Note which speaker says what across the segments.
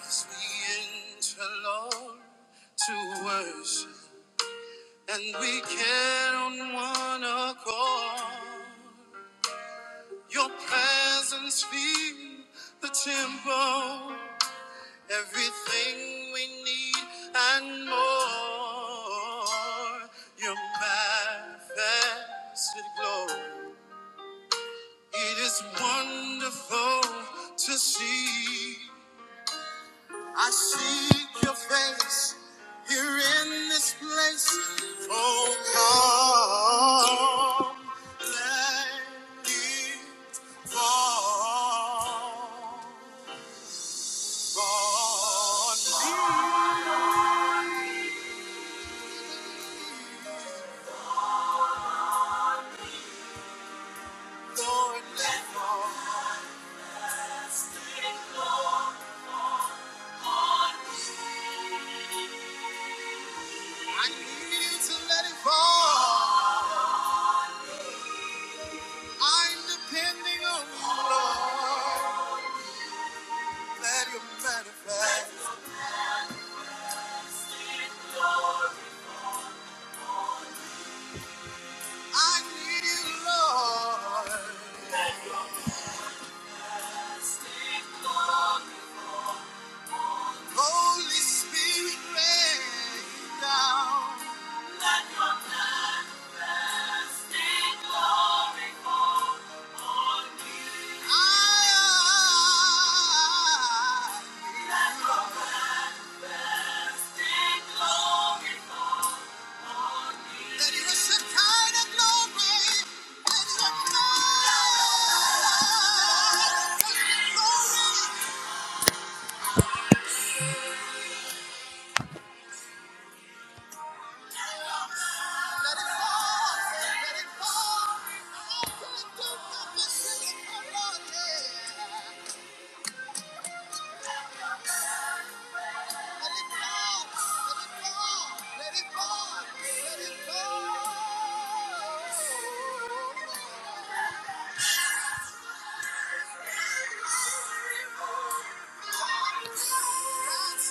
Speaker 1: As we enter, Lord, to worship, and we get on one accord. Your presence fills the temple, everything we need and more. Your manifested glory, it is wonderful to see. I seek your face here in this place. Oh, come, let it fall. Lord, Lord, I need you to let it fall. I'm depending on you, Lord. Let it manifest. I need you, Lord. Holy Spirit, rain down. I, That Let it fall, let it fall. Let it fall, let it fall, That's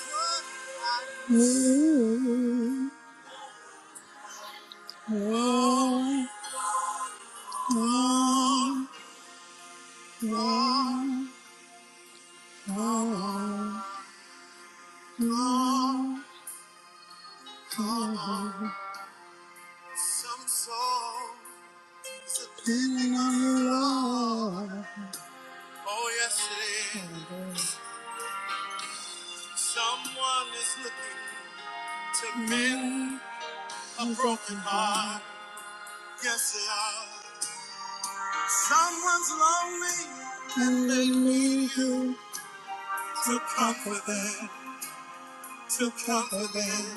Speaker 1: what I know. Some songs depending on Oh, yes, it is. Someone is looking to mend your heart. Yes, they are. Someone's lonely to comfort them, to comfort them.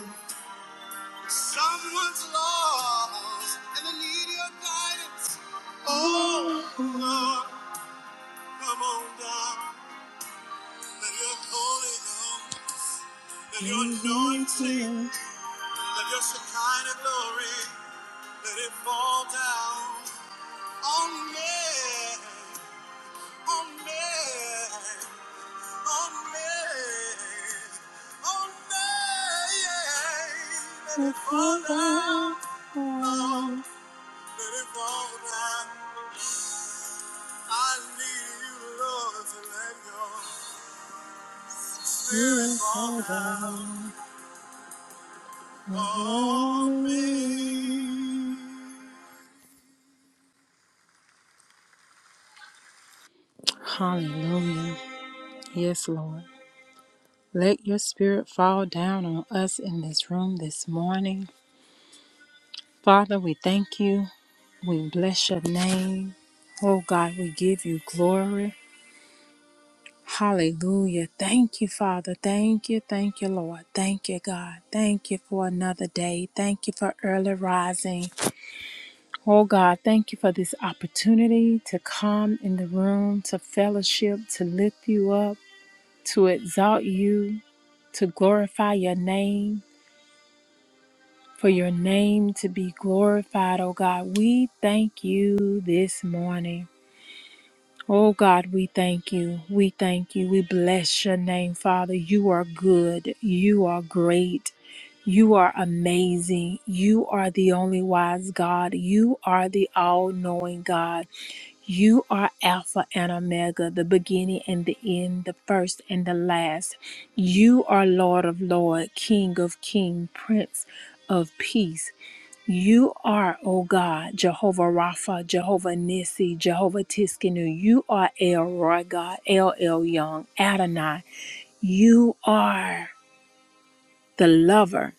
Speaker 1: Someone's lost and they need your guidance. Oh, Lord, come on down. Let your holy home, let your anointing, let your Shekinah glory, let it fall down on me. Let it fall down, let it fall down. I need you, Lord, to let your spirit fall on me. Hallelujah. Yes, Lord. Let your spirit fall down on us in this room this morning. Father, we thank you. We bless your name. Oh God, we give you glory. Hallelujah. Thank you, Father. Thank you. Thank you, Lord. Thank you, God. Thank you for another day. Thank you for early rising. Oh, God, thank you for this opportunity to come in the room, to fellowship, to lift you up, to exalt you, to glorify your name, for your name to be glorified, oh, God. We thank you this morning. Oh God, we thank you. We thank you. We bless your name, Father. You are good. You are great. You are amazing. You are the only wise God. You are the all knowing God. You are Alpha and Omega, the beginning and the end, the first and the last. You are Lord of Lord, King of King, Prince of Peace. You are, O God, Jehovah Rapha, Jehovah Nissi, Jehovah Tiskenu. You are El Roy God, El El Young, Adonai. You are the lover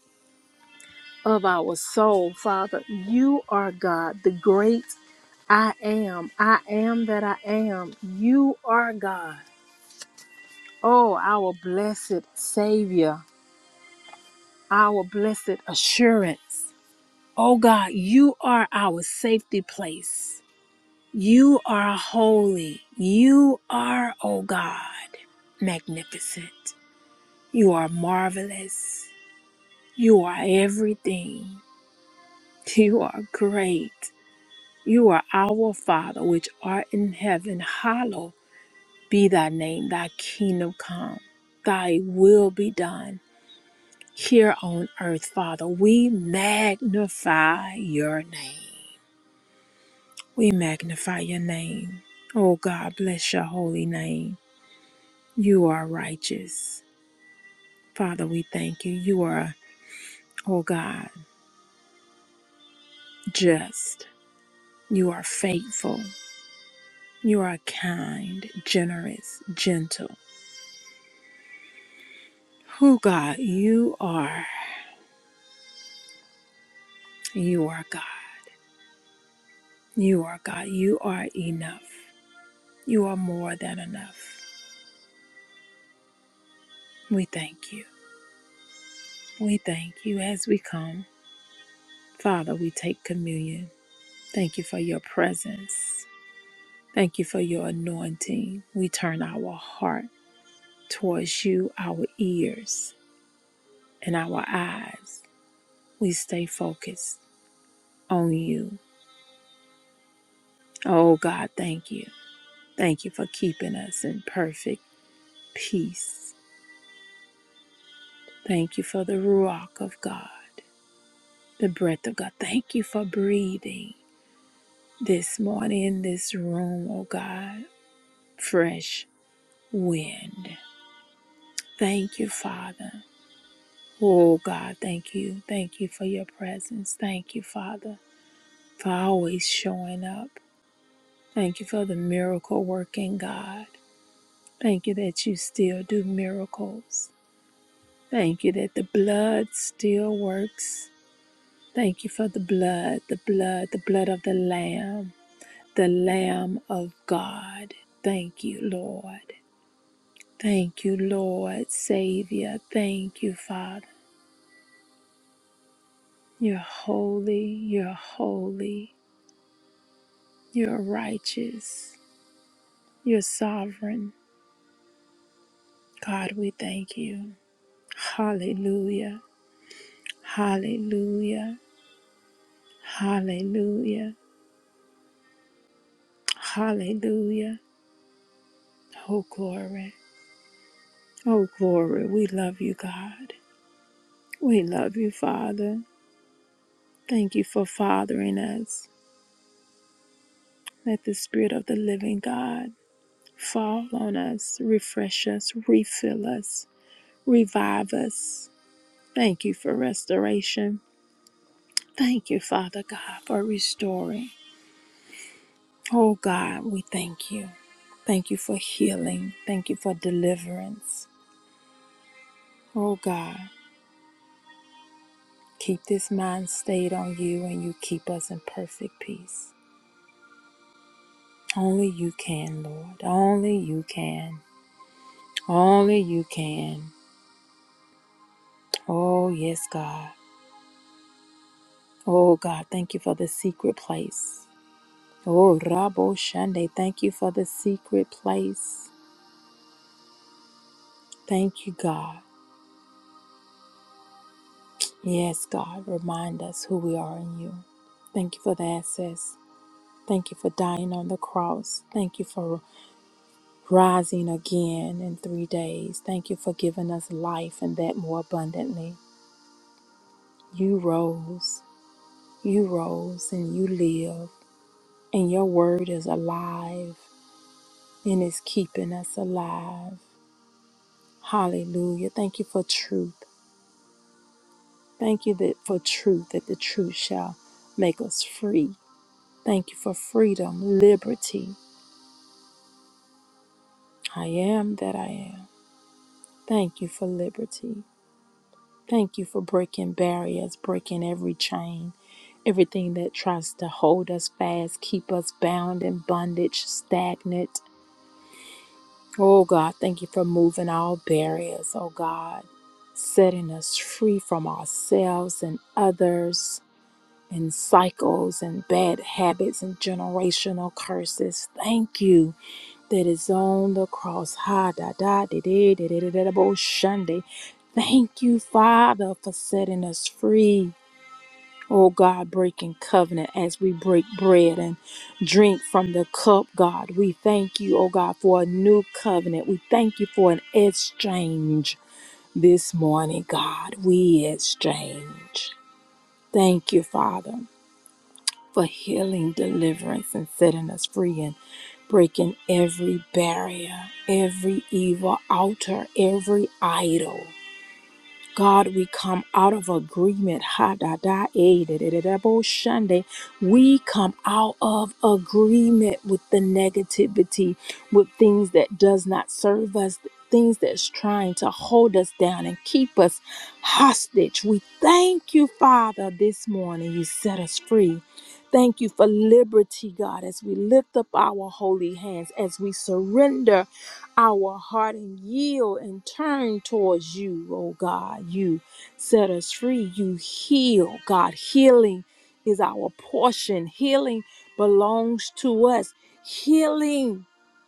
Speaker 1: of our soul, Father. You are God, the great I am. I am that I am. You are God. Oh, our blessed Savior, our blessed assurance. Oh God, you are our safety place. You are holy. You are, O God, magnificent. You are marvelous. You are everything. You are great. You are our Father, which art in heaven. Hallowed be thy name, thy kingdom come, thy will be done here on earth, Father. We magnify your name. We magnify your name. Oh God, bless your holy name. You are righteous. Father, we thank you. You are, oh God, just. You are faithful. You are kind, generous, gentle. Who, God, you are. You are God. You are God. You are enough. You are more than enough. We thank you. We thank you as we come. Father, we take communion. Thank you for your presence. Thank you for your anointing. We turn our heart. towards you, our ears and our eyes. We stay focused on you. Oh God, thank you. Thank you for keeping us in perfect peace. Thank you for the Ruach of God, the breath of God. Thank you for breathing this morning in this room, oh God. Fresh wind. Thank you, Father. Oh God, thank you. Thank you for your presence. Thank you, Father, for always showing up. Thank you for the miracle working God. Thank you that you still do miracles. Thank you that the blood still works. Thank you for the blood, the blood, the blood of the Lamb, the Lamb of God. Thank you, Lord. Thank you, Lord, Savior. Thank you, Father. You're holy, you're holy, you're righteous, you're sovereign. God, we thank you. Hallelujah. Hallelujah. Hallelujah. Hallelujah. Oh, glory. Oh, glory. We love you, God. We love you, Father. Thank you for fathering us. Let the Spirit of the living God fall on us, refresh us, refill us, revive us. Thank you for restoration. Thank you, Father God, for restoring. Oh, God, we thank you. Thank you for healing. Thank you for deliverance. Oh God, keep this mind stayed on you and you keep us in perfect peace. Only you can, Lord. Only you can. Only you can. Oh, yes, God. Oh, God, thank you for the secret place. Oh, Rabo Shande, thank you for the secret place. Thank you, God. Yes, God, remind us who we are in you. Thank you for the access. Thank you for dying on the cross. Thank you for rising again in three days. Thank you for giving us life and that more abundantly. You rose, you rose, and you live, and your word is alive and is keeping us alive. Hallelujah. Thank you for truth. Thank you that for truth, that the truth shall make us free. Thank you for freedom, liberty. I am that I am. Thank you for liberty. Thank you for breaking barriers, breaking every chain, everything that tries to hold us fast, keep us bound in bondage, stagnant. Oh God, thank you for moving all barriers, oh God, setting us free from ourselves and others and cycles and bad habits and generational curses. Thank you that is on the cross. Ha da da de de de de de de de bo shunde. Thank you, Father, for setting us free. Oh God, breaking covenant as we break bread and drink from the cup, God. We thank you, oh God, for a new covenant. We thank you for an exchange this morning, God. We exchange. Thank you, Father, for healing, deliverance, and setting us free. And breaking every barrier, every evil altar, every idol. God, we come out of agreement. Ha da da eh, da, da, da, da, bo, shande. We come out of agreement with the negativity, with things that does not serve us, things that's trying to hold us down and keep us hostage. We thank you, Father, this morning. You set us free. Thank you for liberty, God, as we lift up our holy hands, as we surrender our heart and yield and turn towards you, oh God. You set us free. You heal, God. Healing is our portion, healing belongs to us. Healing,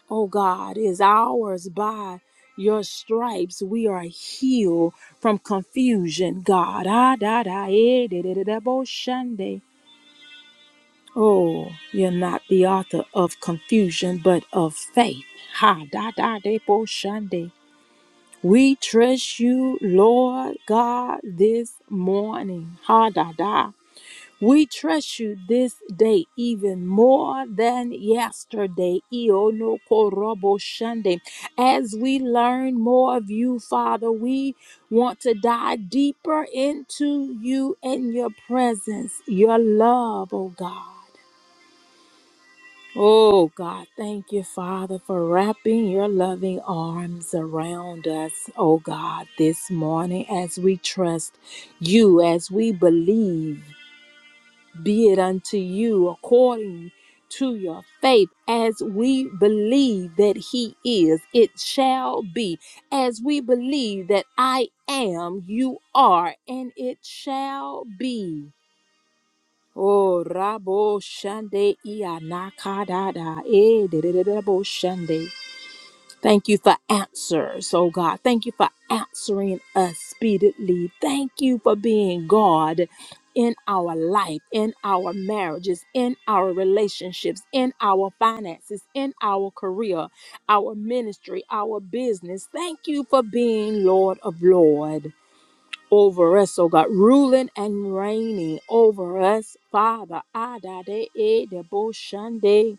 Speaker 1: oh God, is ours by your stripes. We are healed from confusion, God. Ah, da, da, eh, da, da, da, da, bo, shande. Oh, you're not the author of confusion, but of faith. Ha da da de bo shande. We trust you, Lord God, this morning. Ha da da. We trust you this day even more than yesterday. Iono korobo shande. As we learn more of you, Father, we want to dive deeper into you and your presence, your love, oh God. Oh God, thank you, Father, for wrapping your loving arms around us, oh God, this morning as we trust you, as we believe, be it unto you according to your faith, as we believe that He is, it shall be, as we believe that I am, you are, and it shall be. Oh, Rabo Shande Ianakadada. Eh, de- de- de- de- Rabo Shande. Thank you for answers, oh God. Thank you for answering us speedily. Thank you for being God in our life, in our marriages, in our relationships, in our finances, in our career, our ministry, our business. Thank you for being Lord of Lord over us, oh God, ruling and reigning over us, Father. Adade Edeboshande.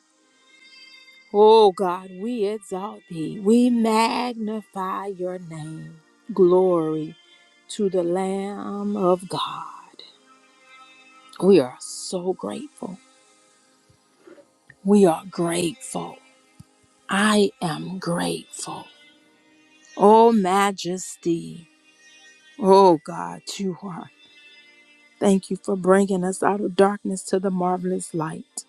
Speaker 1: Oh God, we exalt thee. We magnify your name. Glory to the Lamb of God. We are so grateful. We are grateful. I am grateful. Oh majesty. Oh God, you are. Thank you for bringing us out of darkness to the marvelous light.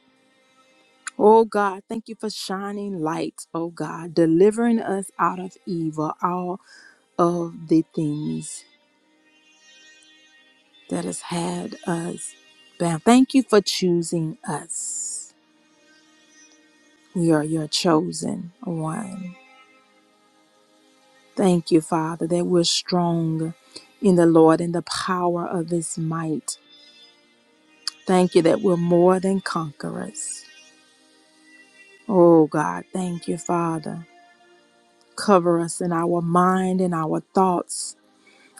Speaker 1: Oh God, thank you for shining light, oh God, delivering us out of evil, all of the things that has had us bound. Thank you for choosing us. We are your chosen one. Thank you, Father, that we're strong in the Lord and the power of his might. Thank you that we're more than conquerors. Oh God, thank you, Father. Cover us in our mind and our thoughts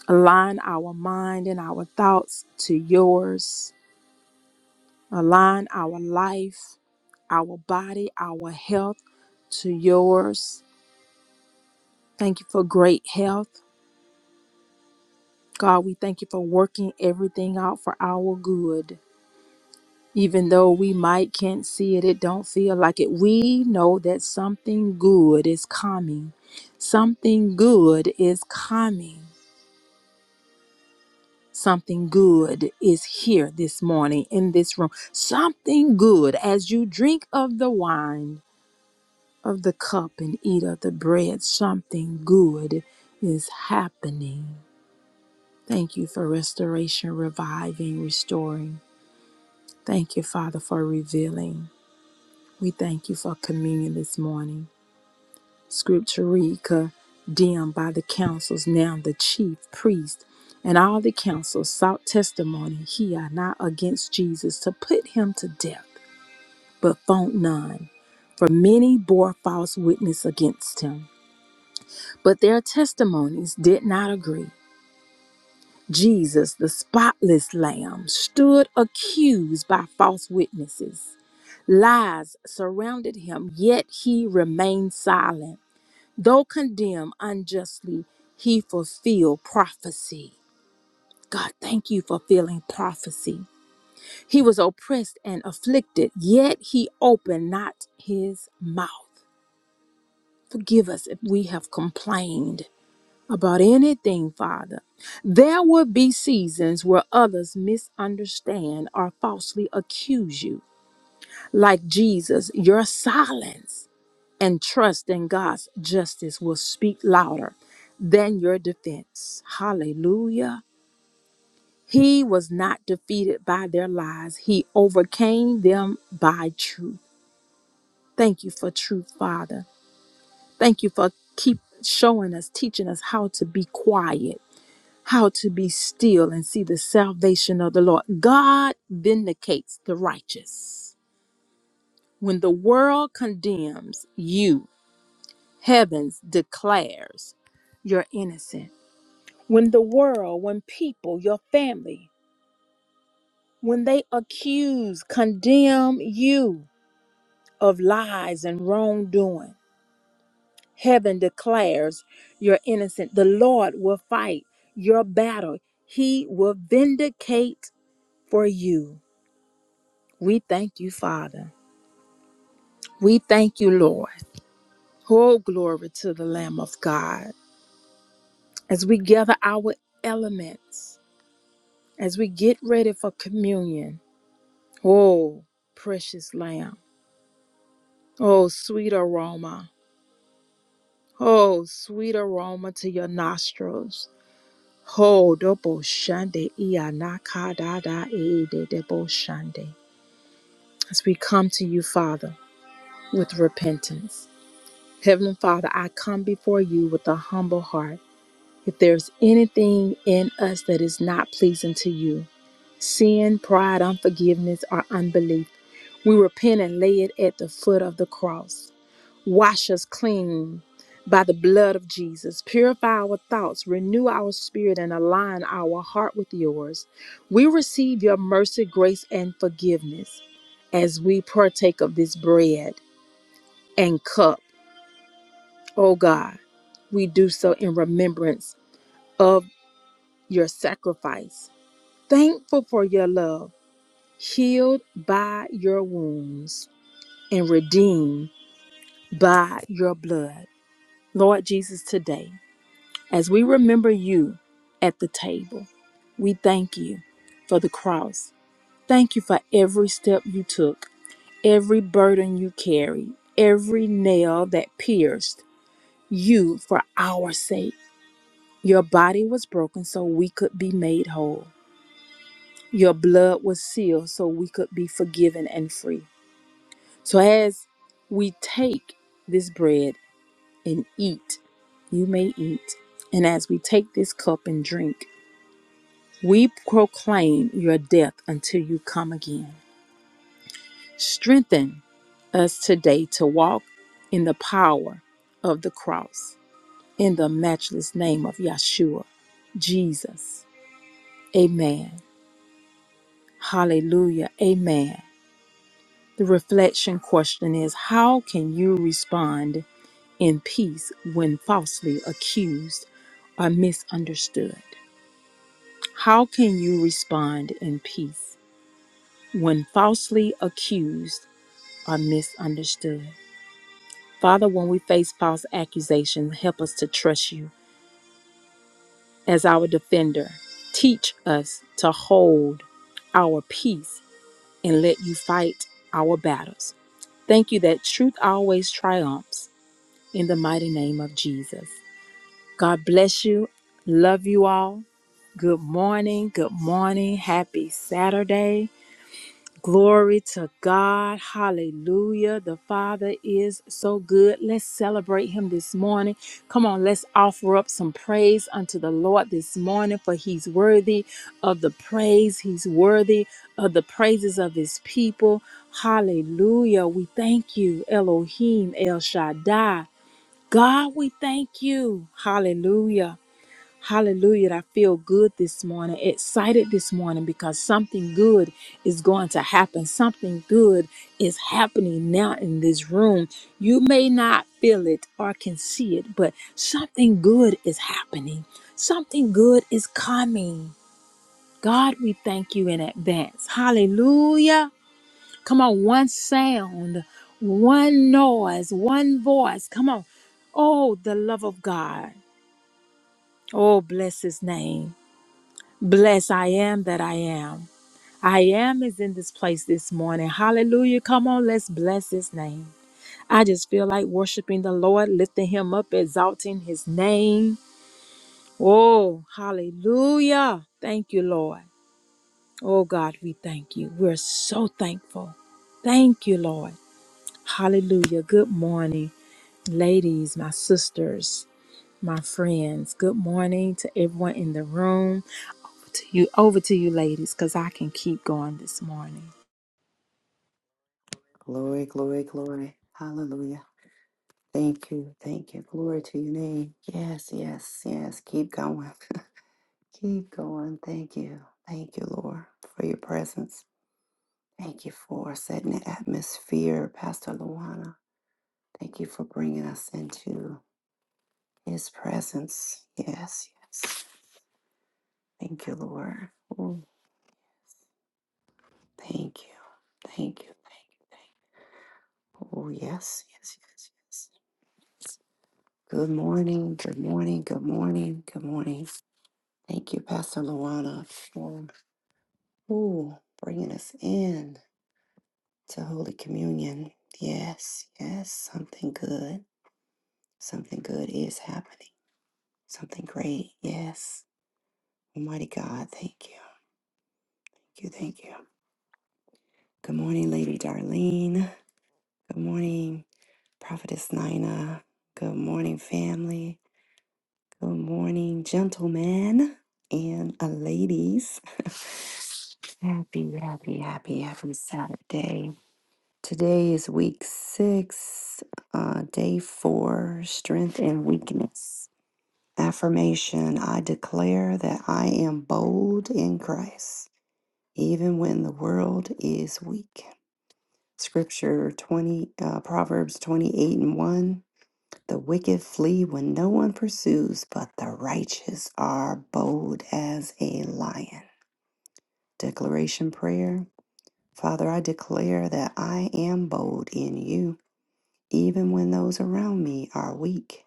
Speaker 1: Align our mind and our thoughts to yours. Align our life, our body, our health to yours. Thank you for great health. God, we thank you for working everything out for our good. Even though we might can't see it, it don't feel like it. We know that something good is coming. Something good is coming. Something good is here this morning in this room. Something good as you drink of the wine of the cup and eat of the bread. Something good is happening. Thank you for restoration, reviving, restoring. Thank you, Father, for revealing. We thank you for communion this morning. Scripture read, condemned by the councils, now the chief priest and all the council sought testimony here not against Jesus to put him to death, but found none. For many bore false witness against him, but their testimonies did not agree. Jesus, the spotless lamb, stood accused by false witnesses. Lies surrounded him, yet he remained silent. Though condemned unjustly, he fulfilled prophecy. God, thank you for fulfilling prophecy. He was oppressed and afflicted, yet he opened not his mouth. Forgive us if we have complained about anything, Father. There will be seasons where others misunderstand or falsely accuse you. Like Jesus, your silence. and trust in God's justice will speak louder than your defense. Hallelujah. He was not defeated by their lies, he overcame them by truth. Thank you for truth, Father. Thank you for keep showing us, teaching us how to be quiet, how to be still and see the salvation of the Lord. God vindicates the righteous. When the world condemns you, heavens declares your innocence. when the world, when people, your family, when they accuse, condemn you of lies and wrongdoing, heaven declares you're innocent. The Lord will fight your battle, He will vindicate for you. We thank you, Father. We thank you, Lord. Oh, glory to the Lamb of God. As we gather our elements, as we get ready for communion, oh, precious Lamb. Oh, sweet aroma. Oh, sweet aroma to your nostrils. Ho dobo shande iyanaka da da e de debo shande. As we come to you, Father, with repentance. Heavenly Father, I come before you with a humble heart. If there's anything in us that is not pleasing to you, sin, pride, unforgiveness, or unbelief, we repent and lay it at the foot of the cross. Wash us clean by the blood of Jesus. Purify our thoughts, renew our spirit, and align our heart with yours. We receive your mercy, grace, and forgiveness as we partake of this bread and cup. Oh God, we do so in remembrance of your sacrifice. Thankful for your love, healed by your wounds, and redeemed by your blood. Lord Jesus, today. As we remember you at the table, we thank you for the cross. Thank you for every step you took, every burden you carried, every nail that pierced you for our sake. Your body was broken so we could be made whole. Your blood was sealed so we could be forgiven and free. So as we take this bread and eat, you may eat. And as we take this cup and drink, We proclaim your death until you come again. Strengthen us today to walk in the power of the cross. In the matchless name of Yeshua, Jesus. Amen. Hallelujah. Amen. The reflection question is How can you respond in peace when falsely accused or misunderstood? How can you respond in peace when falsely accused? are misunderstood. Father, when we face false accusations, help us to trust you as our defender. Teach us to hold our peace and let you fight our battles. Thank you that truth always triumphs in the mighty name of Jesus. God bless you. Love you all. Good morning. Good morning. Happy Saturday. Glory to God. Hallelujah. The Father is so good. Let's celebrate Him this morning. Come on, let's offer up some praise unto the Lord this morning, for He's worthy of the praise. He's worthy of the praises of His people. Hallelujah. We thank you, Elohim, El Shaddai. God, we thank you. Hallelujah. Hallelujah. I feel good this morning, excited this morning because something good is going to happen. Something good is happening now in this room. You may not feel it or can see it, but something good is happening. Something good is coming. God, we thank you in advance. Hallelujah. Come on, one sound, one noise, one voice. Come on. Oh, the love of God. Oh, bless his name. Bless I am that I am. I am is in this place this morning. Hallelujah. Come on, let's bless his name. I just feel like worshiping the Lord, lifting him up, exalting his name. Oh, hallelujah. Thank you, Lord. Oh, God, we thank you. We're so thankful. Thank you, Lord. Hallelujah. Good morning, ladies, my sisters, my friends. Good morning to everyone in the room. to you over to you ladies because I can keep going this morning.
Speaker 2: Glory, glory, glory. Hallelujah. Thank you. Thank you. Glory to your name. Yes, yes, yes. Keep going. Keep going. Thank you. Thank you, Lord, for your presence. Thank you for setting the atmosphere, Pastor Luana. Thank you for bringing us into his presence. Yes, yes. Thank you, Lord. Oh, thank you. Thank you. Thank you. Thank you. Oh, yes, yes, yes, yes. Good morning. Good morning. Good morning. Good morning. Thank you, Pastor Luana, for ooh, bringing us in to Holy Communion. Yes, yes, something good. Something good is happening. Something great. Yes. Almighty God, thank you. Thank you, thank you. Good morning, Lady Darlene. Good morning, Prophetess Nina. Good morning, family. Good morning, gentlemen and uh, ladies. Happy, happy, happy, happy Saturday. Today is week six, uh, day four, strength and weakness. Affirmation I declare that I am bold in Christ, even when the world is weak. Scripture 20, uh, Proverbs 28 and 1. The wicked flee when no one pursues, but the righteous are bold as a lion. Declaration prayer Father, I declare that I am bold in you. Even when those around me are weak,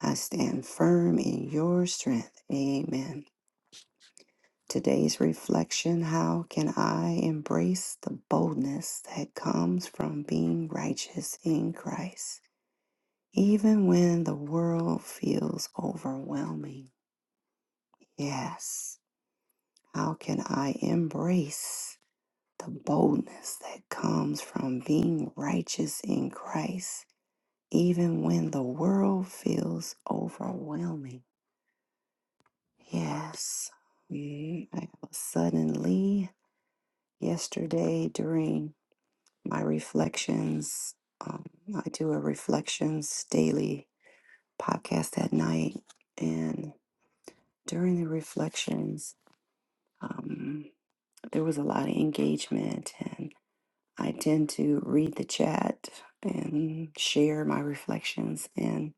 Speaker 2: I stand firm in your strength. Amen. Today's reflection How can I embrace the boldness that comes from being righteous in Christ, even when the world feels overwhelming? Yes. How can I embrace the boldness that comes from being righteous in Christ, even when the world feels overwhelming? Yes. Mm, I was suddenly yesterday during my reflections. Um, I do a reflections daily podcast at night, and during the reflections, um, there was a lot of engagement, and I tend to read the chat and share my reflections. And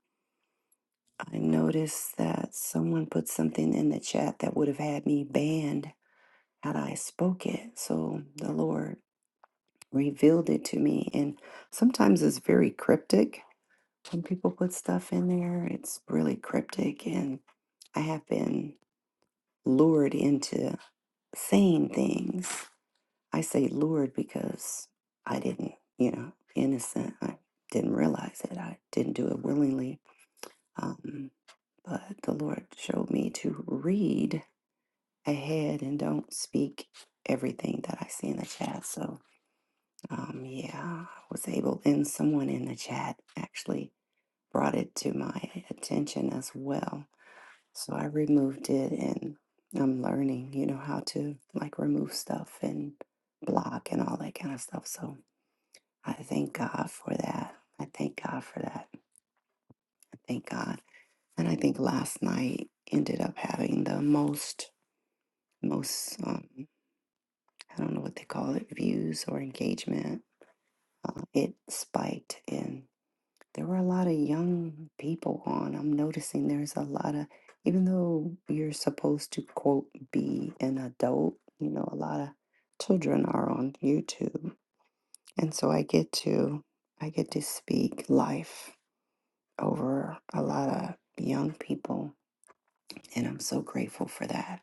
Speaker 2: I noticed that someone put something in the chat that would have had me banned had I spoke it. So the Lord revealed it to me. And sometimes it's very cryptic. When people put stuff in there, it's really cryptic. And I have been lured into saying things. I say lured because I didn't, you know, innocent. I didn't realize it. I didn't do it willingly. Um, but the Lord showed me to read ahead and don't speak everything that I see in the chat. So Um, yeah, I was able, and someone in the chat actually brought it to my attention as well. So I removed it, and I'm learning, you know, how to like remove stuff and block and all that kind of stuff. So I thank God for that. I thank God for that. I thank God. And I think last night ended up having the most, most, um, I don't know what they call it, views or engagement. Uh, it spiked in. there were a lot of young people on. I'm noticing there's a lot of, even though you're supposed to quote be an adult, you know, a lot of children are on YouTube. And so I get to, I get to speak life over a lot of young people. And I'm so grateful for that.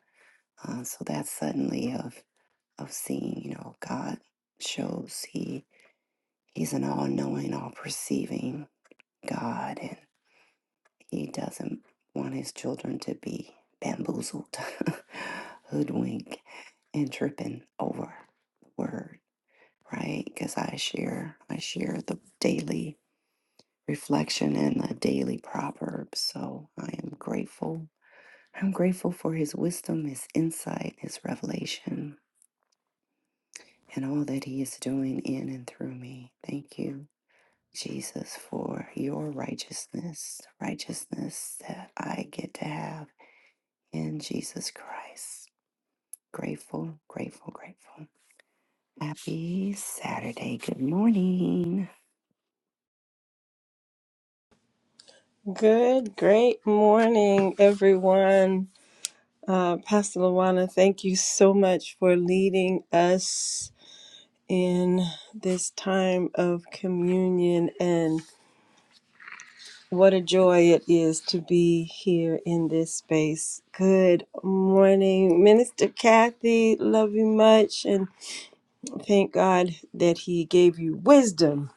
Speaker 2: Uh, so that's suddenly of, of seeing, you know, God shows he, he's an all knowing, all perceiving God and. He doesn't want his children to be bamboozled, hoodwinked, and tripping over the word, right? Because I share, I share the daily reflection and the daily proverb. So I am grateful. I'm grateful for his wisdom, his insight, his revelation, and all that he is doing in and through me. Thank you, Jesus, for your righteousness, righteousness that I get to have in Jesus Christ. Grateful, grateful, grateful. Happy Saturday. Good morning.
Speaker 3: Good, great morning, everyone. Uh, Pastor Luana, thank you so much for leading us in this time of communion. And what a joy it is to be here in this space. Good morning, Minister Kathy. Love you much. And thank God that He gave you wisdom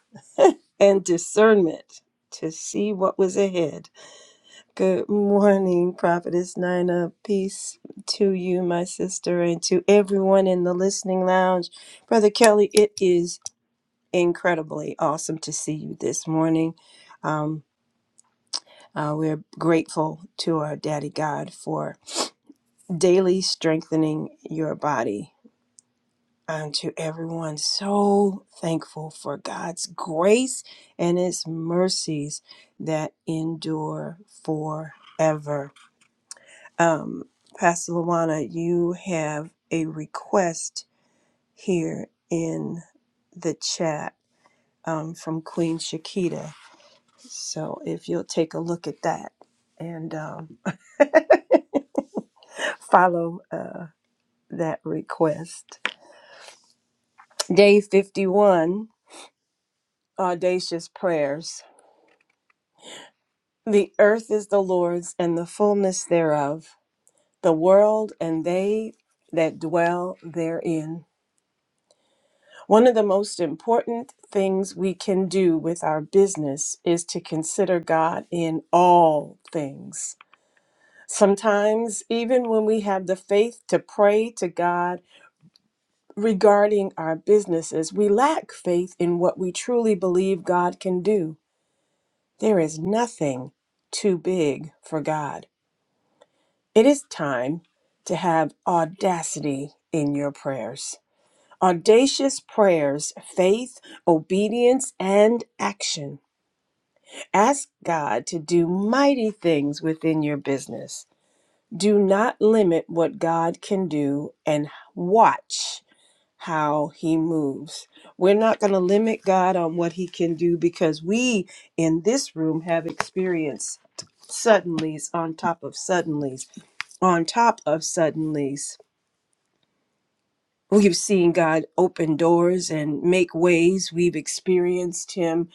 Speaker 3: and discernment to see what was ahead Good morning, Prophetess Nina. Peace to you, my sister, and to everyone in the listening lounge. Brother Kelly, it is incredibly awesome to see you this morning. Um, uh, we're grateful to our Daddy God for daily strengthening your body. And to everyone, so thankful for God's grace and His mercies that endure forever. Um, Pastor Luana, you have a request here in the chat um, from Queen Shakita. So if you'll take a look at that and um, follow uh, that request. Day 51 Audacious Prayers. The earth is the Lord's and the fullness thereof, the world and they that dwell therein. One of the most important things we can do with our business is to consider God in all things. Sometimes, even when we have the faith to pray to God regarding our businesses, we lack faith in what we truly believe God can do. There is nothing too big for God. It is time to have audacity in your prayers. Audacious prayers, faith, obedience, and action. Ask God to do mighty things within your business. Do not limit what God can do and watch how he moves. We're not going to limit God on what he can do because we in this room have experienced suddenlies on top of suddenlies on top of suddenlies. We've seen God open doors and make ways. We've experienced Him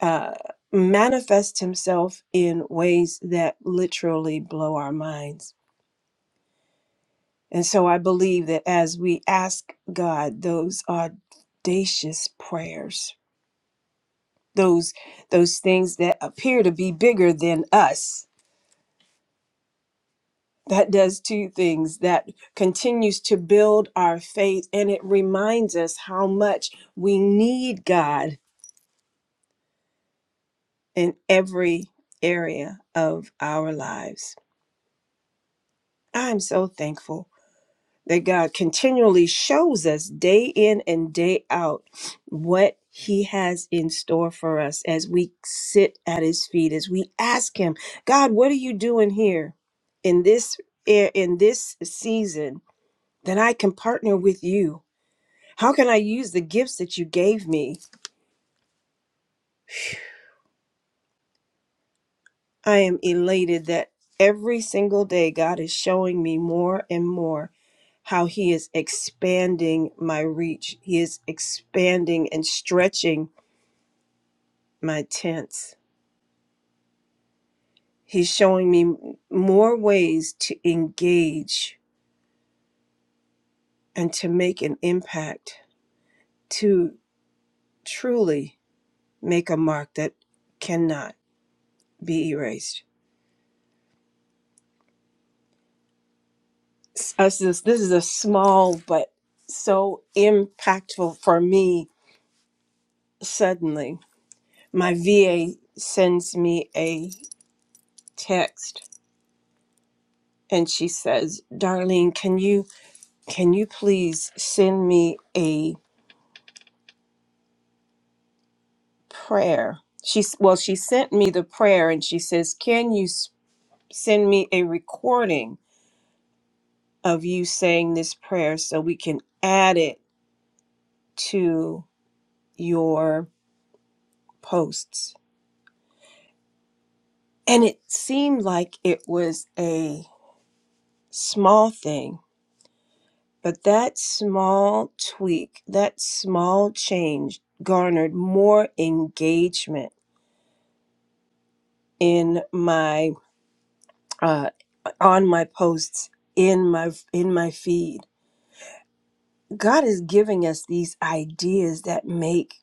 Speaker 3: uh, manifest Himself in ways that literally blow our minds. And so I believe that as we ask God those audacious prayers, those those things that appear to be bigger than us, that does two things. That continues to build our faith and it reminds us how much we need God in every area of our lives. I'm so thankful that God continually shows us day in and day out what He has in store for us as we sit at His feet, as we ask Him, God, what are you doing here in this eh, in this season that I can partner with you? How can I use the gifts that you gave me? I am elated that every single day God is showing me more and more how He is expanding my reach. He is expanding and stretching my tents. He's showing me m- more ways to engage and to make an impact, to truly make a mark that cannot be erased. S- Us, this, this is a small but so impactful for me suddenly my VA sends me a text and she says, "Darlene, can you can you please send me a prayer?" She's well, she sent me the prayer and she says, "Can you s- send me a recording of you saying this prayer so we can add it to your posts?" And it seemed like it was a small thing But that small tweak, that small change garnered more engagement in my uh, on my posts in my in my feed. God is giving us these ideas that make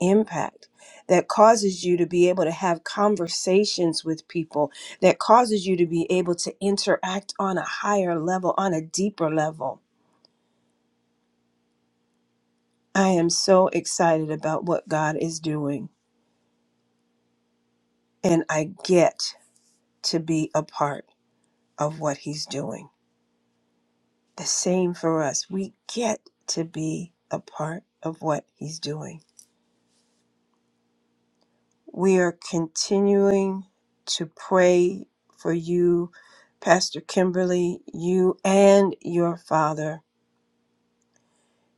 Speaker 3: impact that causes you to be able to have conversations with people that causes you to be able to interact on a higher level on a deeper level. I am so excited about what God is doing. and I get to be a part of what He's doing. The same for us. We get to be a part of what He's doing. We are continuing to pray for you, Pastor Kimberly, you and your father,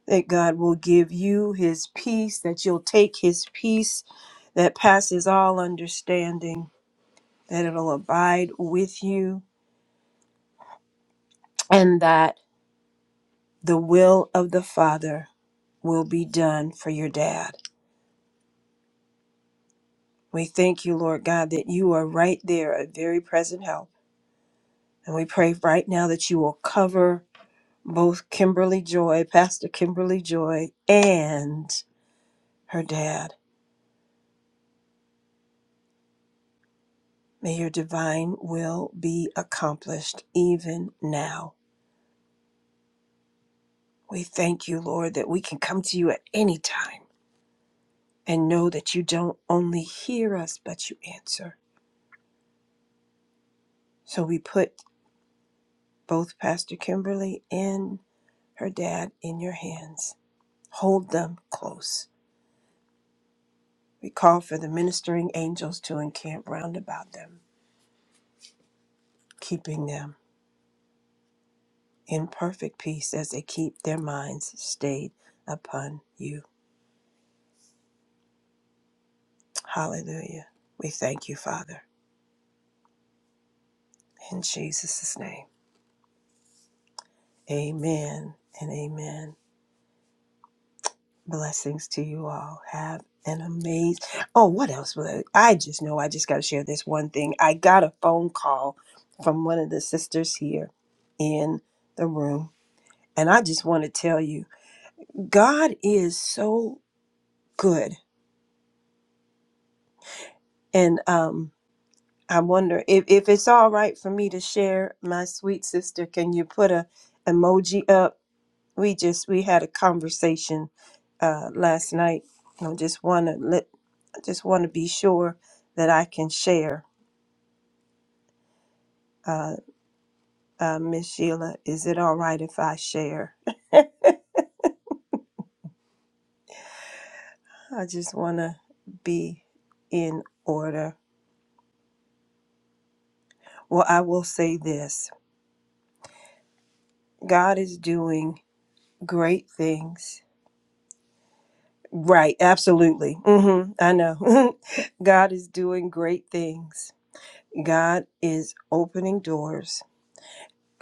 Speaker 3: that God will give you His peace, that you'll take His peace that passes all understanding, that it'll abide with you, and that. the will of the Father will be done for your dad. We thank you, Lord God, that you are right there, a very present help. And we pray right now that you will cover both Kimberly Joy, Pastor Kimberly Joy, and her dad. May your divine will be accomplished even now. We thank you, Lord, that we can come to you at any time and know that you don't only hear us, but you answer. So we put both Pastor Kimberly and her dad in your hands. Hold them close. We call for the ministering angels to encamp round about them, keeping them in perfect peace as they keep their minds stayed upon you. Hallelujah. We thank you, Father. In Jesus' name, amen and amen. Blessings to you all. Have an amazing. Oh, what else? was it? I just know I just got to share this one thing. I got a phone call from one of the sisters here in the room, and I just want to tell you, God is so good. And um, I wonder if if it's all right for me to share. My sweet sister, can you put a emoji up? We just we had a conversation uh, last night. I just want to let I just want to be sure that I can share. Uh, uh, Miss Sheila, is it all right if I share? I just want to be in order. Well, I will say this God is doing great things. Right, absolutely. hmm I know. God is doing great things. God is opening doors.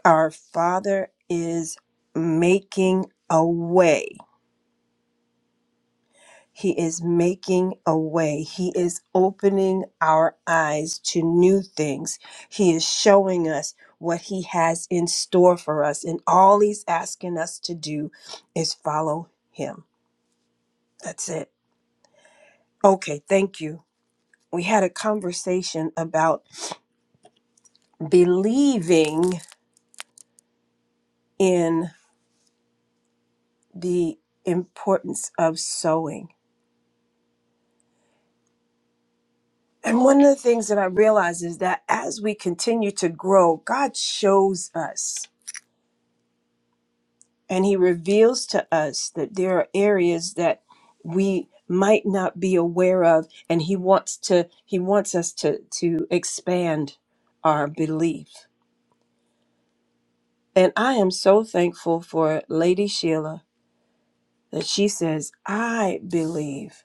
Speaker 3: Our Father is making a way He is making a way. He is opening our eyes to new things. He is showing us what He has in store for us. And all He's asking us to do is follow Him. That's it. Okay, thank you. We had a conversation about believing in the importance of sowing. And one of the things that I realize is that as we continue to grow, God shows us. And he reveals to us that there are areas that we might not be aware of and he wants to he wants us to to expand our belief. And I am so thankful for Lady Sheila that she says, "I believe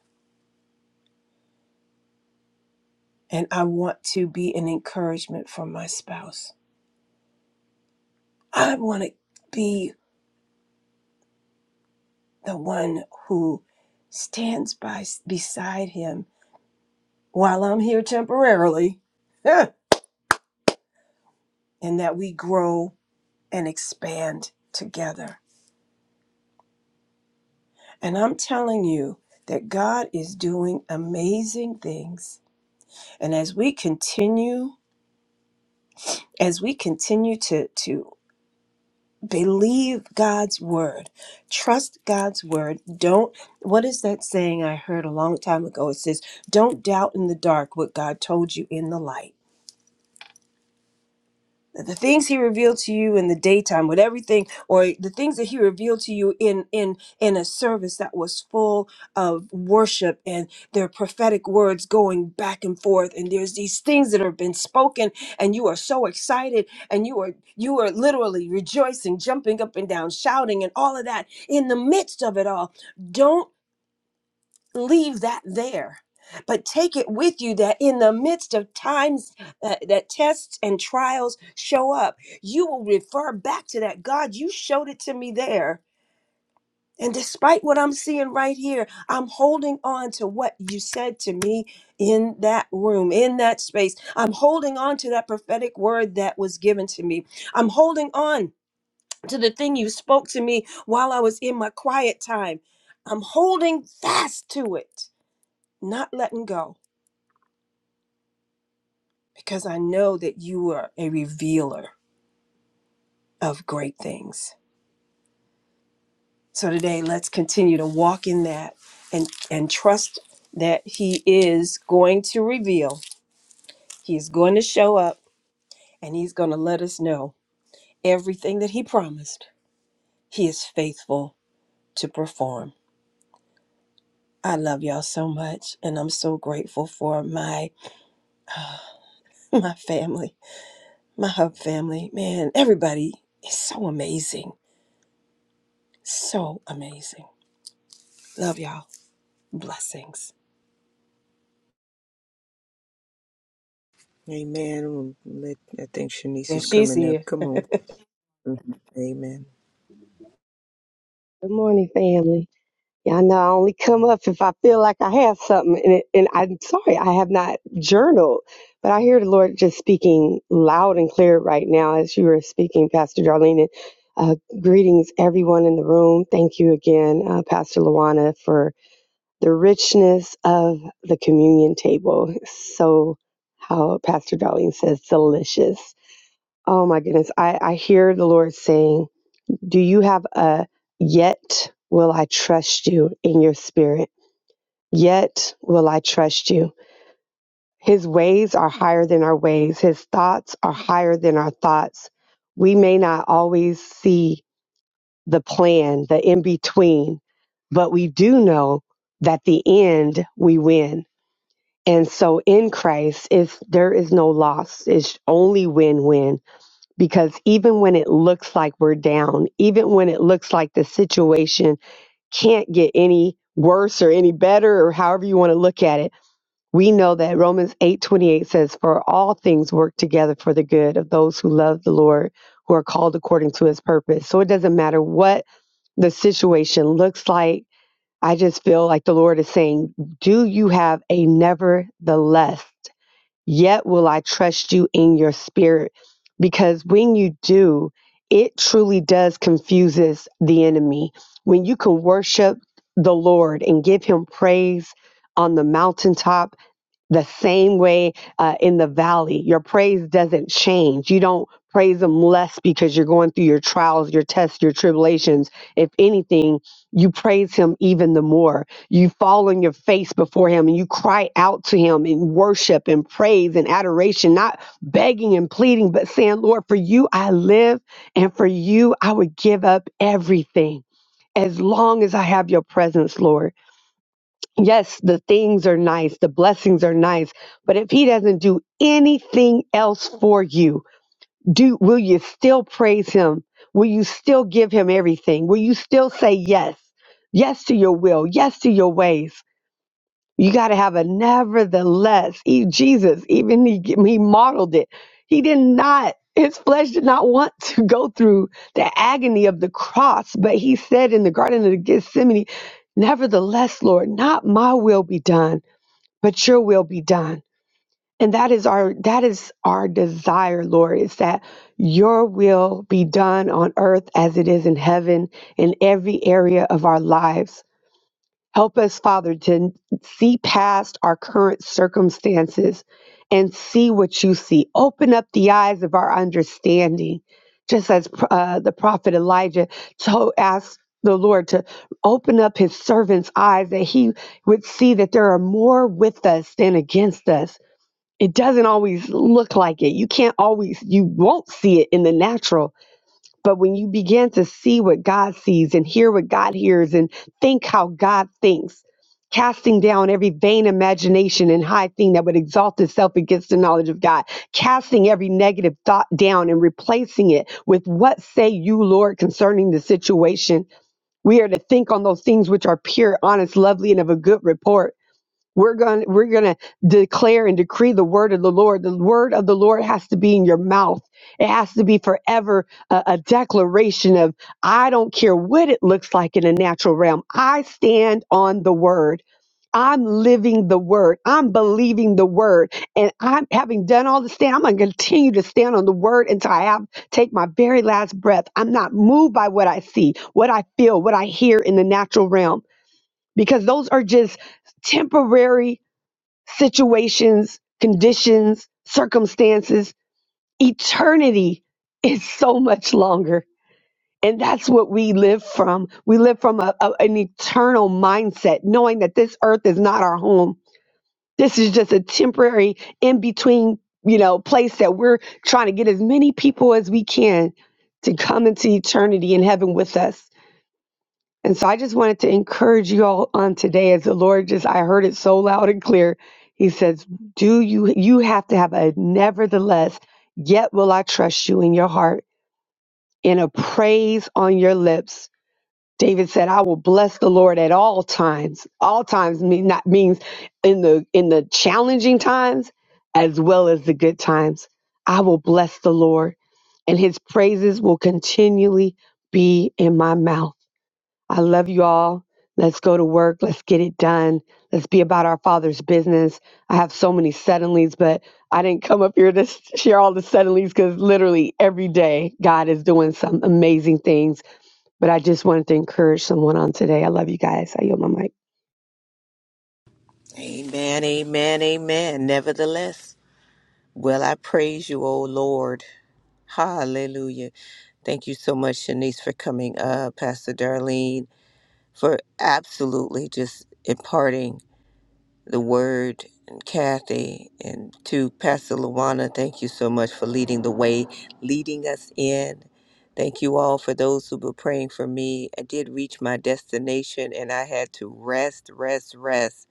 Speaker 3: and I want to be an encouragement for my spouse. I want to be the one who stands by beside him while I'm here temporarily." and that we grow and expand together. And I'm telling you that God is doing amazing things. And as we continue, as we continue to to believe God's word, trust God's word, don't what is that saying I heard a long time ago? It says, "Don't doubt in the dark what God told you in the light." that the things he revealed to you in the daytime with everything or the things that he revealed to you in in in a service that was full of worship and their prophetic words going back and forth and there's these things that have been spoken and you are so excited and you are you are literally rejoicing jumping up and down shouting and all of that in the midst of it all don't leave that there but take it with you that in the midst of times uh, that tests and trials show up you will refer back to that god you showed it to me there and despite what i'm seeing right here i'm holding on to what you said to me in that room in that space i'm holding on to that prophetic word that was given to me i'm holding on to the thing you spoke to me while i was in my quiet time i'm holding fast to it not letting go because I know that you are a revealer of great things. So today, let's continue to walk in that and, and trust that He is going to reveal, He is going to show up, and He's going to let us know everything that He promised. He is faithful to perform. I love y'all so much, and I'm so grateful for my my family, my hub family. Man, everybody is so amazing, so amazing. Love y'all. Blessings.
Speaker 4: Amen. Let, I think Shanice
Speaker 3: Yes,
Speaker 4: is
Speaker 3: she's
Speaker 4: coming up.
Speaker 3: here.
Speaker 4: Come on. Amen.
Speaker 5: Good morning, family. Y'all know I only come up if I feel like I have something. And, it, and I'm sorry, I have not journaled, but I hear the Lord just speaking loud and clear right now as you were speaking, Pastor Darlene. And, uh, greetings, everyone in the room. Thank you again, uh, Pastor Luana, for the richness of the communion table. So, how Pastor Darlene says, delicious. Oh my goodness, I, I hear the Lord saying, do you have a yet will I trust you in your spirit? Yet will I trust you. His ways are higher than our ways, his thoughts are higher than our thoughts. We may not always see the plan, the in between, but we do know that the end we win. And so in Christ, if there is no loss, it's only win-win because even when it looks like we're down, even when it looks like the situation can't get any worse or any better or however you want to look at it. We know that Romans 8:28 says for all things work together for the good of those who love the Lord who are called according to his purpose. So it doesn't matter what the situation looks like. I just feel like the Lord is saying, "Do you have a nevertheless?" yet will I trust you in your spirit. Because when you do, it truly does confuses the enemy. When you can worship the Lord and give him praise on the mountaintop the same way uh, in the valley, your praise doesn't change. You don't praise Him less because you're going through your trials, your tests, your tribulations. If anything, you praise Him even the more. You fall on your face before Him and you cry out to Him in worship and praise and adoration, not begging and pleading, but saying, Lord, for you I live and for you I would give up everything. As long as I have your presence, Lord yes, the things are nice, the blessings are nice, but if he doesn't do anything else for you, do will you still praise him? Will you still give him everything? Will you still say yes? Yes to your will, yes to your ways. You got to have a nevertheless. E Jesus, even he, he modeled it. He did not, his flesh did not want to go through the agony of the cross, but he said in the Garden of Gethsemane, Nevertheless, Lord, not my will be done, but your will be done. And that is our that is our desire, Lord, is that your will be done on earth as it is in heaven in every area of our lives. Help us, Father, to see past our current circumstances and see what you see. Open up the eyes of our understanding, just as uh, the prophet Elijah told, asked the Lord to open up his servant's eyes that he would see that there are more with us than against us. It doesn't always look like it. You can't always, you won't see it in the natural but when you begin to see what God sees and hear what God hears and think how God thinks, casting down every vain imagination and high thing that would exalt itself against the knowledge of God, casting every negative thought down and replacing it with what say you, Lord, concerning the situation. We are to think on those things which are pure, honest, lovely, and of a good report we're going we're going to declare and decree the word of the Lord. The word of the Lord has to be in your mouth. It has to be forever a, a declaration of I don't care what it looks like in a natural realm. I stand on the word. I'm living the word. I'm believing the word. And I'm having done all the stand, I'm going to continue to stand on the word until I have take my very last breath. I'm not moved by what I see, what I feel, what I hear in the natural realm because those are just temporary situations, conditions, circumstances. Eternity is so much longer. And that's what we live from. We live from a, a- an eternal mindset, knowing that this earth is not our home. This is just a temporary in between, you know, place that we're trying to get as many people as we can to come into eternity in heaven with us. And so I just wanted to encourage you all on today as the Lord just, I heard it so loud and clear. He says, Do you, you have to have a nevertheless, yet will I trust you in your heart and a praise on your lips. David said, I will bless the Lord at all times. All times mean not means in the, in the challenging times as well as the good times. I will bless the Lord and his praises will continually be in my mouth. I love you all. Let's go to work. Let's get it done. Let's be about our Father's business. I have so many suddenlies, but I didn't come up here to s- share all the suddenlies because literally every day God is doing some amazing things. But I just wanted to encourage someone on today. I love you guys. I yield my mic.
Speaker 4: Amen, amen, amen. Nevertheless, well, I praise you, O Lord. Hallelujah. Thank you so much, Shanice, for coming up, Pastor Darlene, for absolutely just imparting. the word and Kathy and to Pastor Luana, thank you so much for leading the way, leading us in. Thank you all for those who were praying for me. I did reach my destination and I had to rest, rest, rest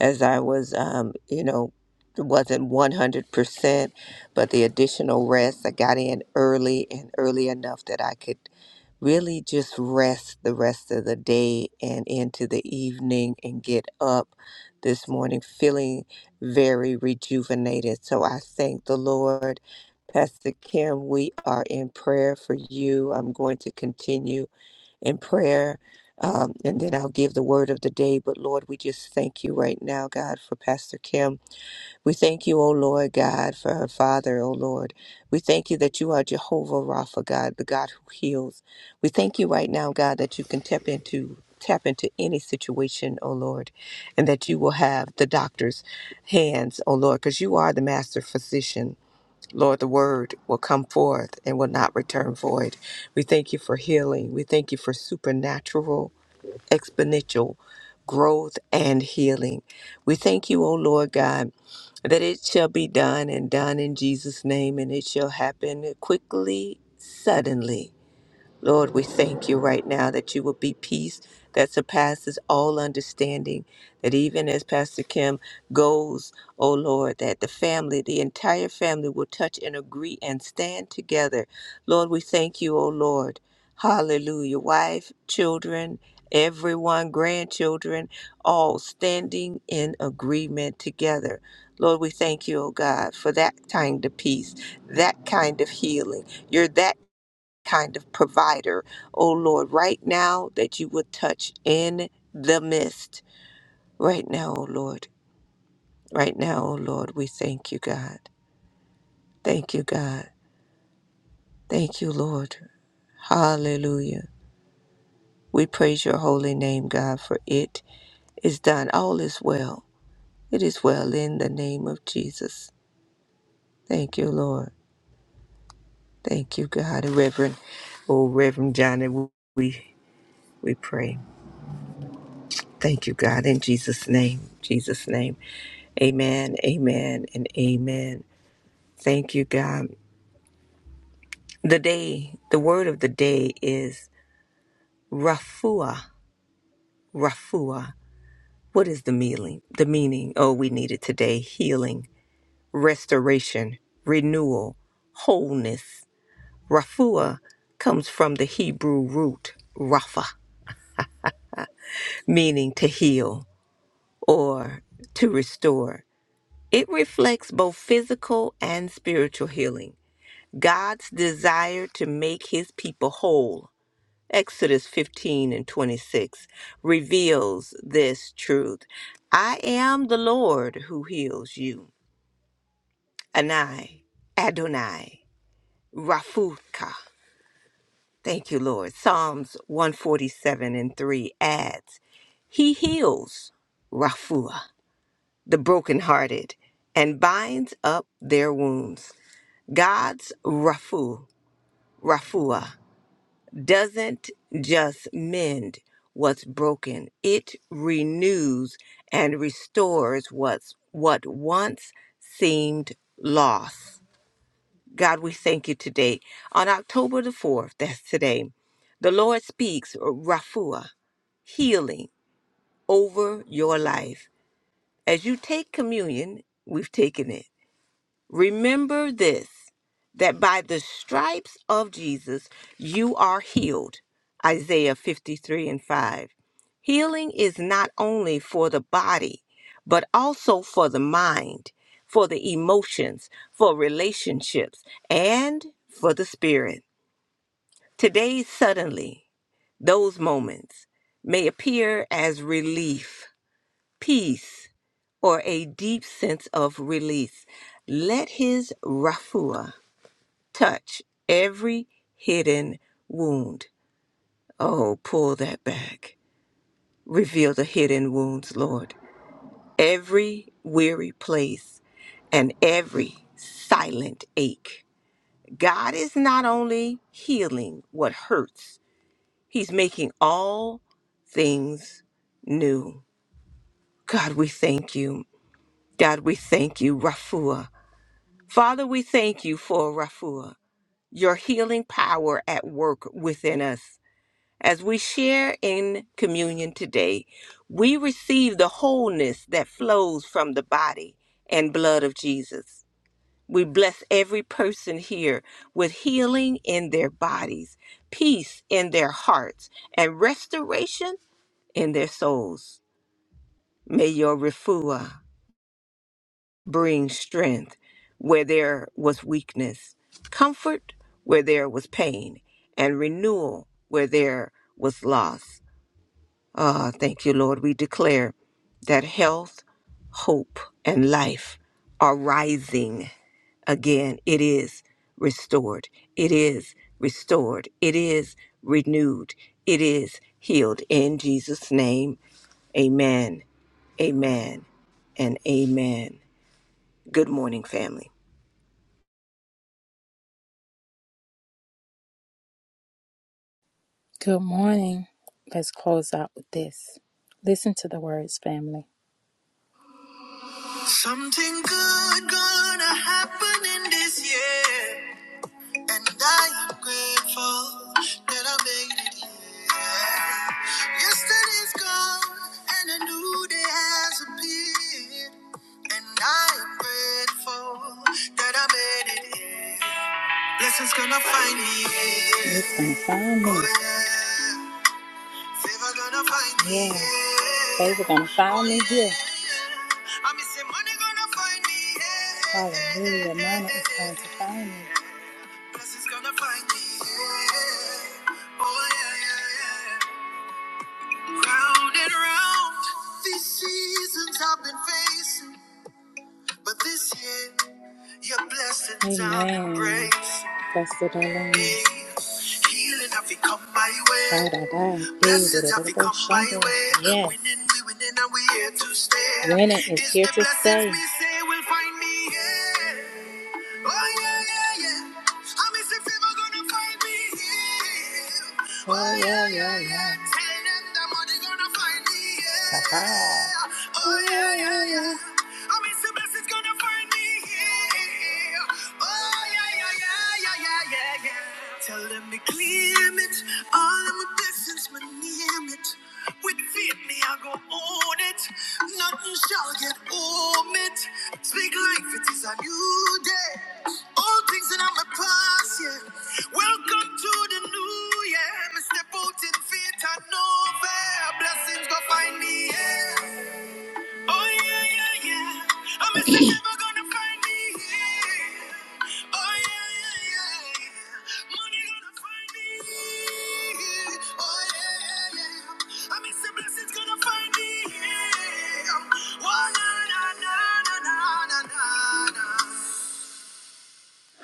Speaker 4: as I was, um, you know, it wasn't 100%, but the additional rest, I got in early and early enough that I could really just rest the rest of the day and into the evening and get up this morning feeling very rejuvenated. So I thank the Lord. Pastor Kim, we are in prayer for you. I'm going to continue in prayer um, and then I'll give the word of the day. But Lord, we just thank you right now, God, for Pastor Kim. We thank you, O Lord God, for her father, O Lord. We thank you that you are Jehovah Rapha, God, the God who heals. We thank you right now, God, that you can tap into tap into any situation, O Lord, and that you will have the doctor's hands, O Lord, because you are the master physician. Lord, the word will come forth and will not return void. We thank you for healing. We thank you for supernatural, exponential growth and healing. We thank you, O Lord God that it shall be done and done in Jesus' name, and it shall happen quickly, suddenly Lord, we thank you right now that you will be peace that surpasses all understanding. That even as Pastor Kim goes, oh Lord, that the family, the entire family will touch and agree and stand together. Lord, we thank you, oh Lord. Hallelujah. Wife, children, everyone, grandchildren, all standing in agreement together. Lord, we thank you, oh God, for that kind of peace, that kind of healing. You're that kind of provider, oh Lord, right now that you would touch in the midst. Right now, oh Lord. Right now, oh Lord, we thank you, God. Thank you, God. Thank you, Lord. Hallelujah. We praise your holy name, God, for it is done. All is well. It is well in the name of Jesus. Thank you, Lord. Thank you, God. And Reverend, oh, Reverend Johnny, we, we pray. Thank you, God, in Jesus' name. Jesus' name. Amen, amen, and amen. Thank you, God. The day, the word of the day is Rafua. Rafua. What is the meaning? The meaning, oh, we need it today healing, restoration, renewal, wholeness. Rafua comes from the Hebrew root Rapha, meaning to heal or to restore. It reflects both physical and spiritual healing God's desire to make his people whole, Exodus 15 and 26, reveals this truth. I am the Lord who heals you. Anai, Adonai, Rafuka. Thank you, Lord. Psalms 147 and 3 adds, He heals, Rafua, the brokenhearted, and binds up their wounds. God's Rafu, Rafua doesn't just mend what's broken, it renews and restores what's what once seemed lost. God, we thank you today. On October the 4th, that's today, the Lord speaks Rafua, healing over your life. As you take communion, we've taken it. Remember this that by the stripes of Jesus you are healed. Isaiah 53 and 5. Healing is not only for the body, but also for the mind, for the emotions, for relationships, and for the spirit. Today, suddenly, those moments may appear as relief peace, or a deep sense of release. Let his Rafua touch every hidden wound. Oh, pull that back. Reveal the hidden wounds, Lord. Every weary place and every silent ache. God is not only healing what hurts, He's making all things new. God, we thank you. God, we thank you, Rafua. Father, we thank you for Rafua, your healing power at work within us. As we share in communion today, we receive the wholeness that flows from the body and blood of Jesus. We bless every person here with healing in their bodies, peace in their hearts, and restoration in their souls. May your refuah bring strength where there was weakness, comfort where there was pain, and renewal where there was loss. Ah, thank you, Lord. We declare that health, hope, and life are rising again. It is restored. It is restored. It is renewed. It is healed. In Jesus' name, amen, amen, and amen. Good morning, family.
Speaker 1: Good morning. Let's close out with this. Listen to the words, family. Something good gonna happen in this year. And I am grateful that I made it here. Yesterday's gone and a new day has appeared. And I am grateful that I made it here. Blessings gonna find me. here. It's gonna find me. Oh, yeah. Favor gonna find me. Yeah. here. Favor gonna find Oh, me here. yeah. I miss say money gonna find me. here. Hallelujah, money is going to find me. Yes, it's gonna find me. Yeah. Oh, yeah, yeah, yeah. Round and round. These seasons I've been facing, but this year, your blessings I've Amen. embracing. Blessed the Lord. Yeah. Healing have you come my Da, way. da, da, dee, da, Blessings da, have you come my way. Yes. Winning, we winning, and we here to stay. Winning is It's here the to blessings stay. we say will find me. Yeah. Oh yeah, yeah, yeah. I'm a sick gonna find me here. Oh yeah, yeah, yeah. Tell them the money gonna find me here. Oh yeah, yeah, yeah. I'm Mr. Best is gonna find me. Oh, yeah, yeah, yeah, yeah, yeah, yeah, yeah. Tell them to claim it. All of my blessings, my name it. With faith, me, I go own it. Nothing shall get home it. Speak life, it is a new day. All things that I'm a past, yeah. Welcome to the new year. Me step out in faith and know fair. Blessings go find me, yeah. Oh yeah, yeah, yeah. I miss you never gonna find me here. Oh yeah, yeah, yeah. yeah. Money gonna find me here. Oh yeah, yeah, yeah. I miss the blessings gonna find me here. Oh oh, na na na na na na na.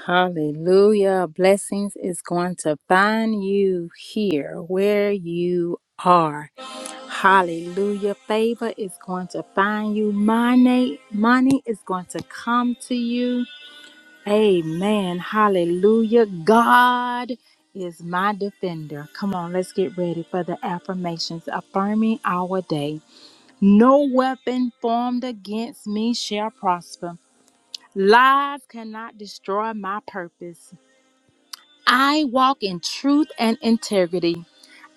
Speaker 1: Hallelujah. Blessings is going to find you here where you are. Hallelujah. Favor is going to find you. Money, money is going to come to you. Amen. Hallelujah. God is my defender. Come on, let's get ready for the affirmations affirming our day. No weapon formed against me shall prosper. Lies cannot destroy my purpose. I walk in truth and integrity.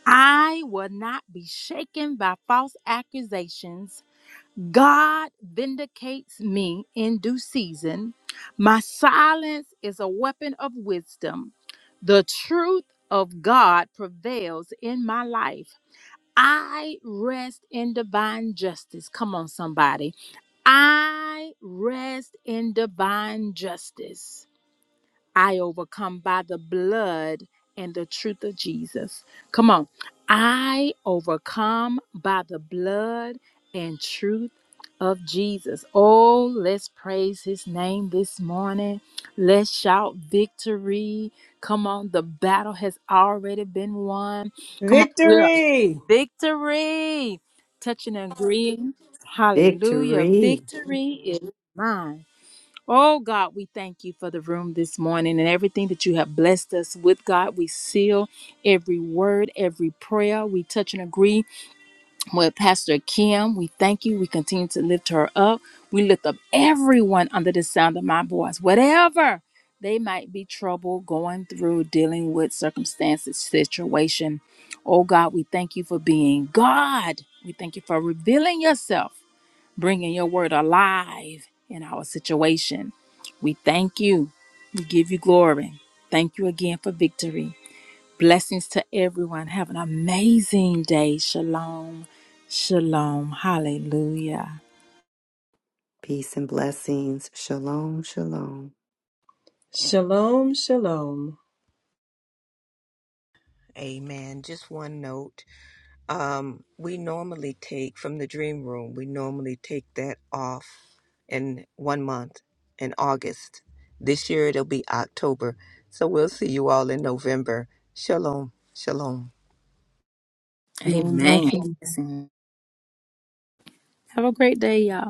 Speaker 1: I will not be shaken by false accusations. God vindicates me in due season. My silence is a weapon of wisdom. The truth of God prevails in my life. I rest in divine justice. Come on, somebody. I rest in divine justice. I overcome by the blood and the truth of Jesus. Come on. I overcome by the blood and truth of Jesus. Oh, let's praise his name this morning. Let's shout victory. Come on, the battle has already been won. Come on, we are
Speaker 3: Victory.
Speaker 1: victory. Touching and agreeing. Hallelujah.
Speaker 2: Victory.
Speaker 1: Victory is mine. Oh God, we thank you for the room this morning and everything that you have blessed us with, God. We seal every word, every prayer. We touch and agree with Pastor Kim. We thank you. We continue to lift her up. We lift up everyone under the sound of my voice, whatever they might be trouble going through, dealing with circumstances, situation. Oh God, we thank you for being God. We thank you for revealing yourself bringing your word alive in our situation. We thank you. We give you glory. Thank you again for victory. Blessings to everyone. Have an amazing day. Shalom. Shalom. Hallelujah.
Speaker 2: Peace and blessings. Shalom, shalom.
Speaker 3: Shalom, shalom.
Speaker 4: Amen. Just one note. Um, we normally take from the dream room, we normally take that off in one month in August. This year it'll be October. So we'll see you all in November. Shalom. Shalom.
Speaker 5: Shalom,
Speaker 1: Amen.
Speaker 5: blessings.
Speaker 1: Have a great day, y'all.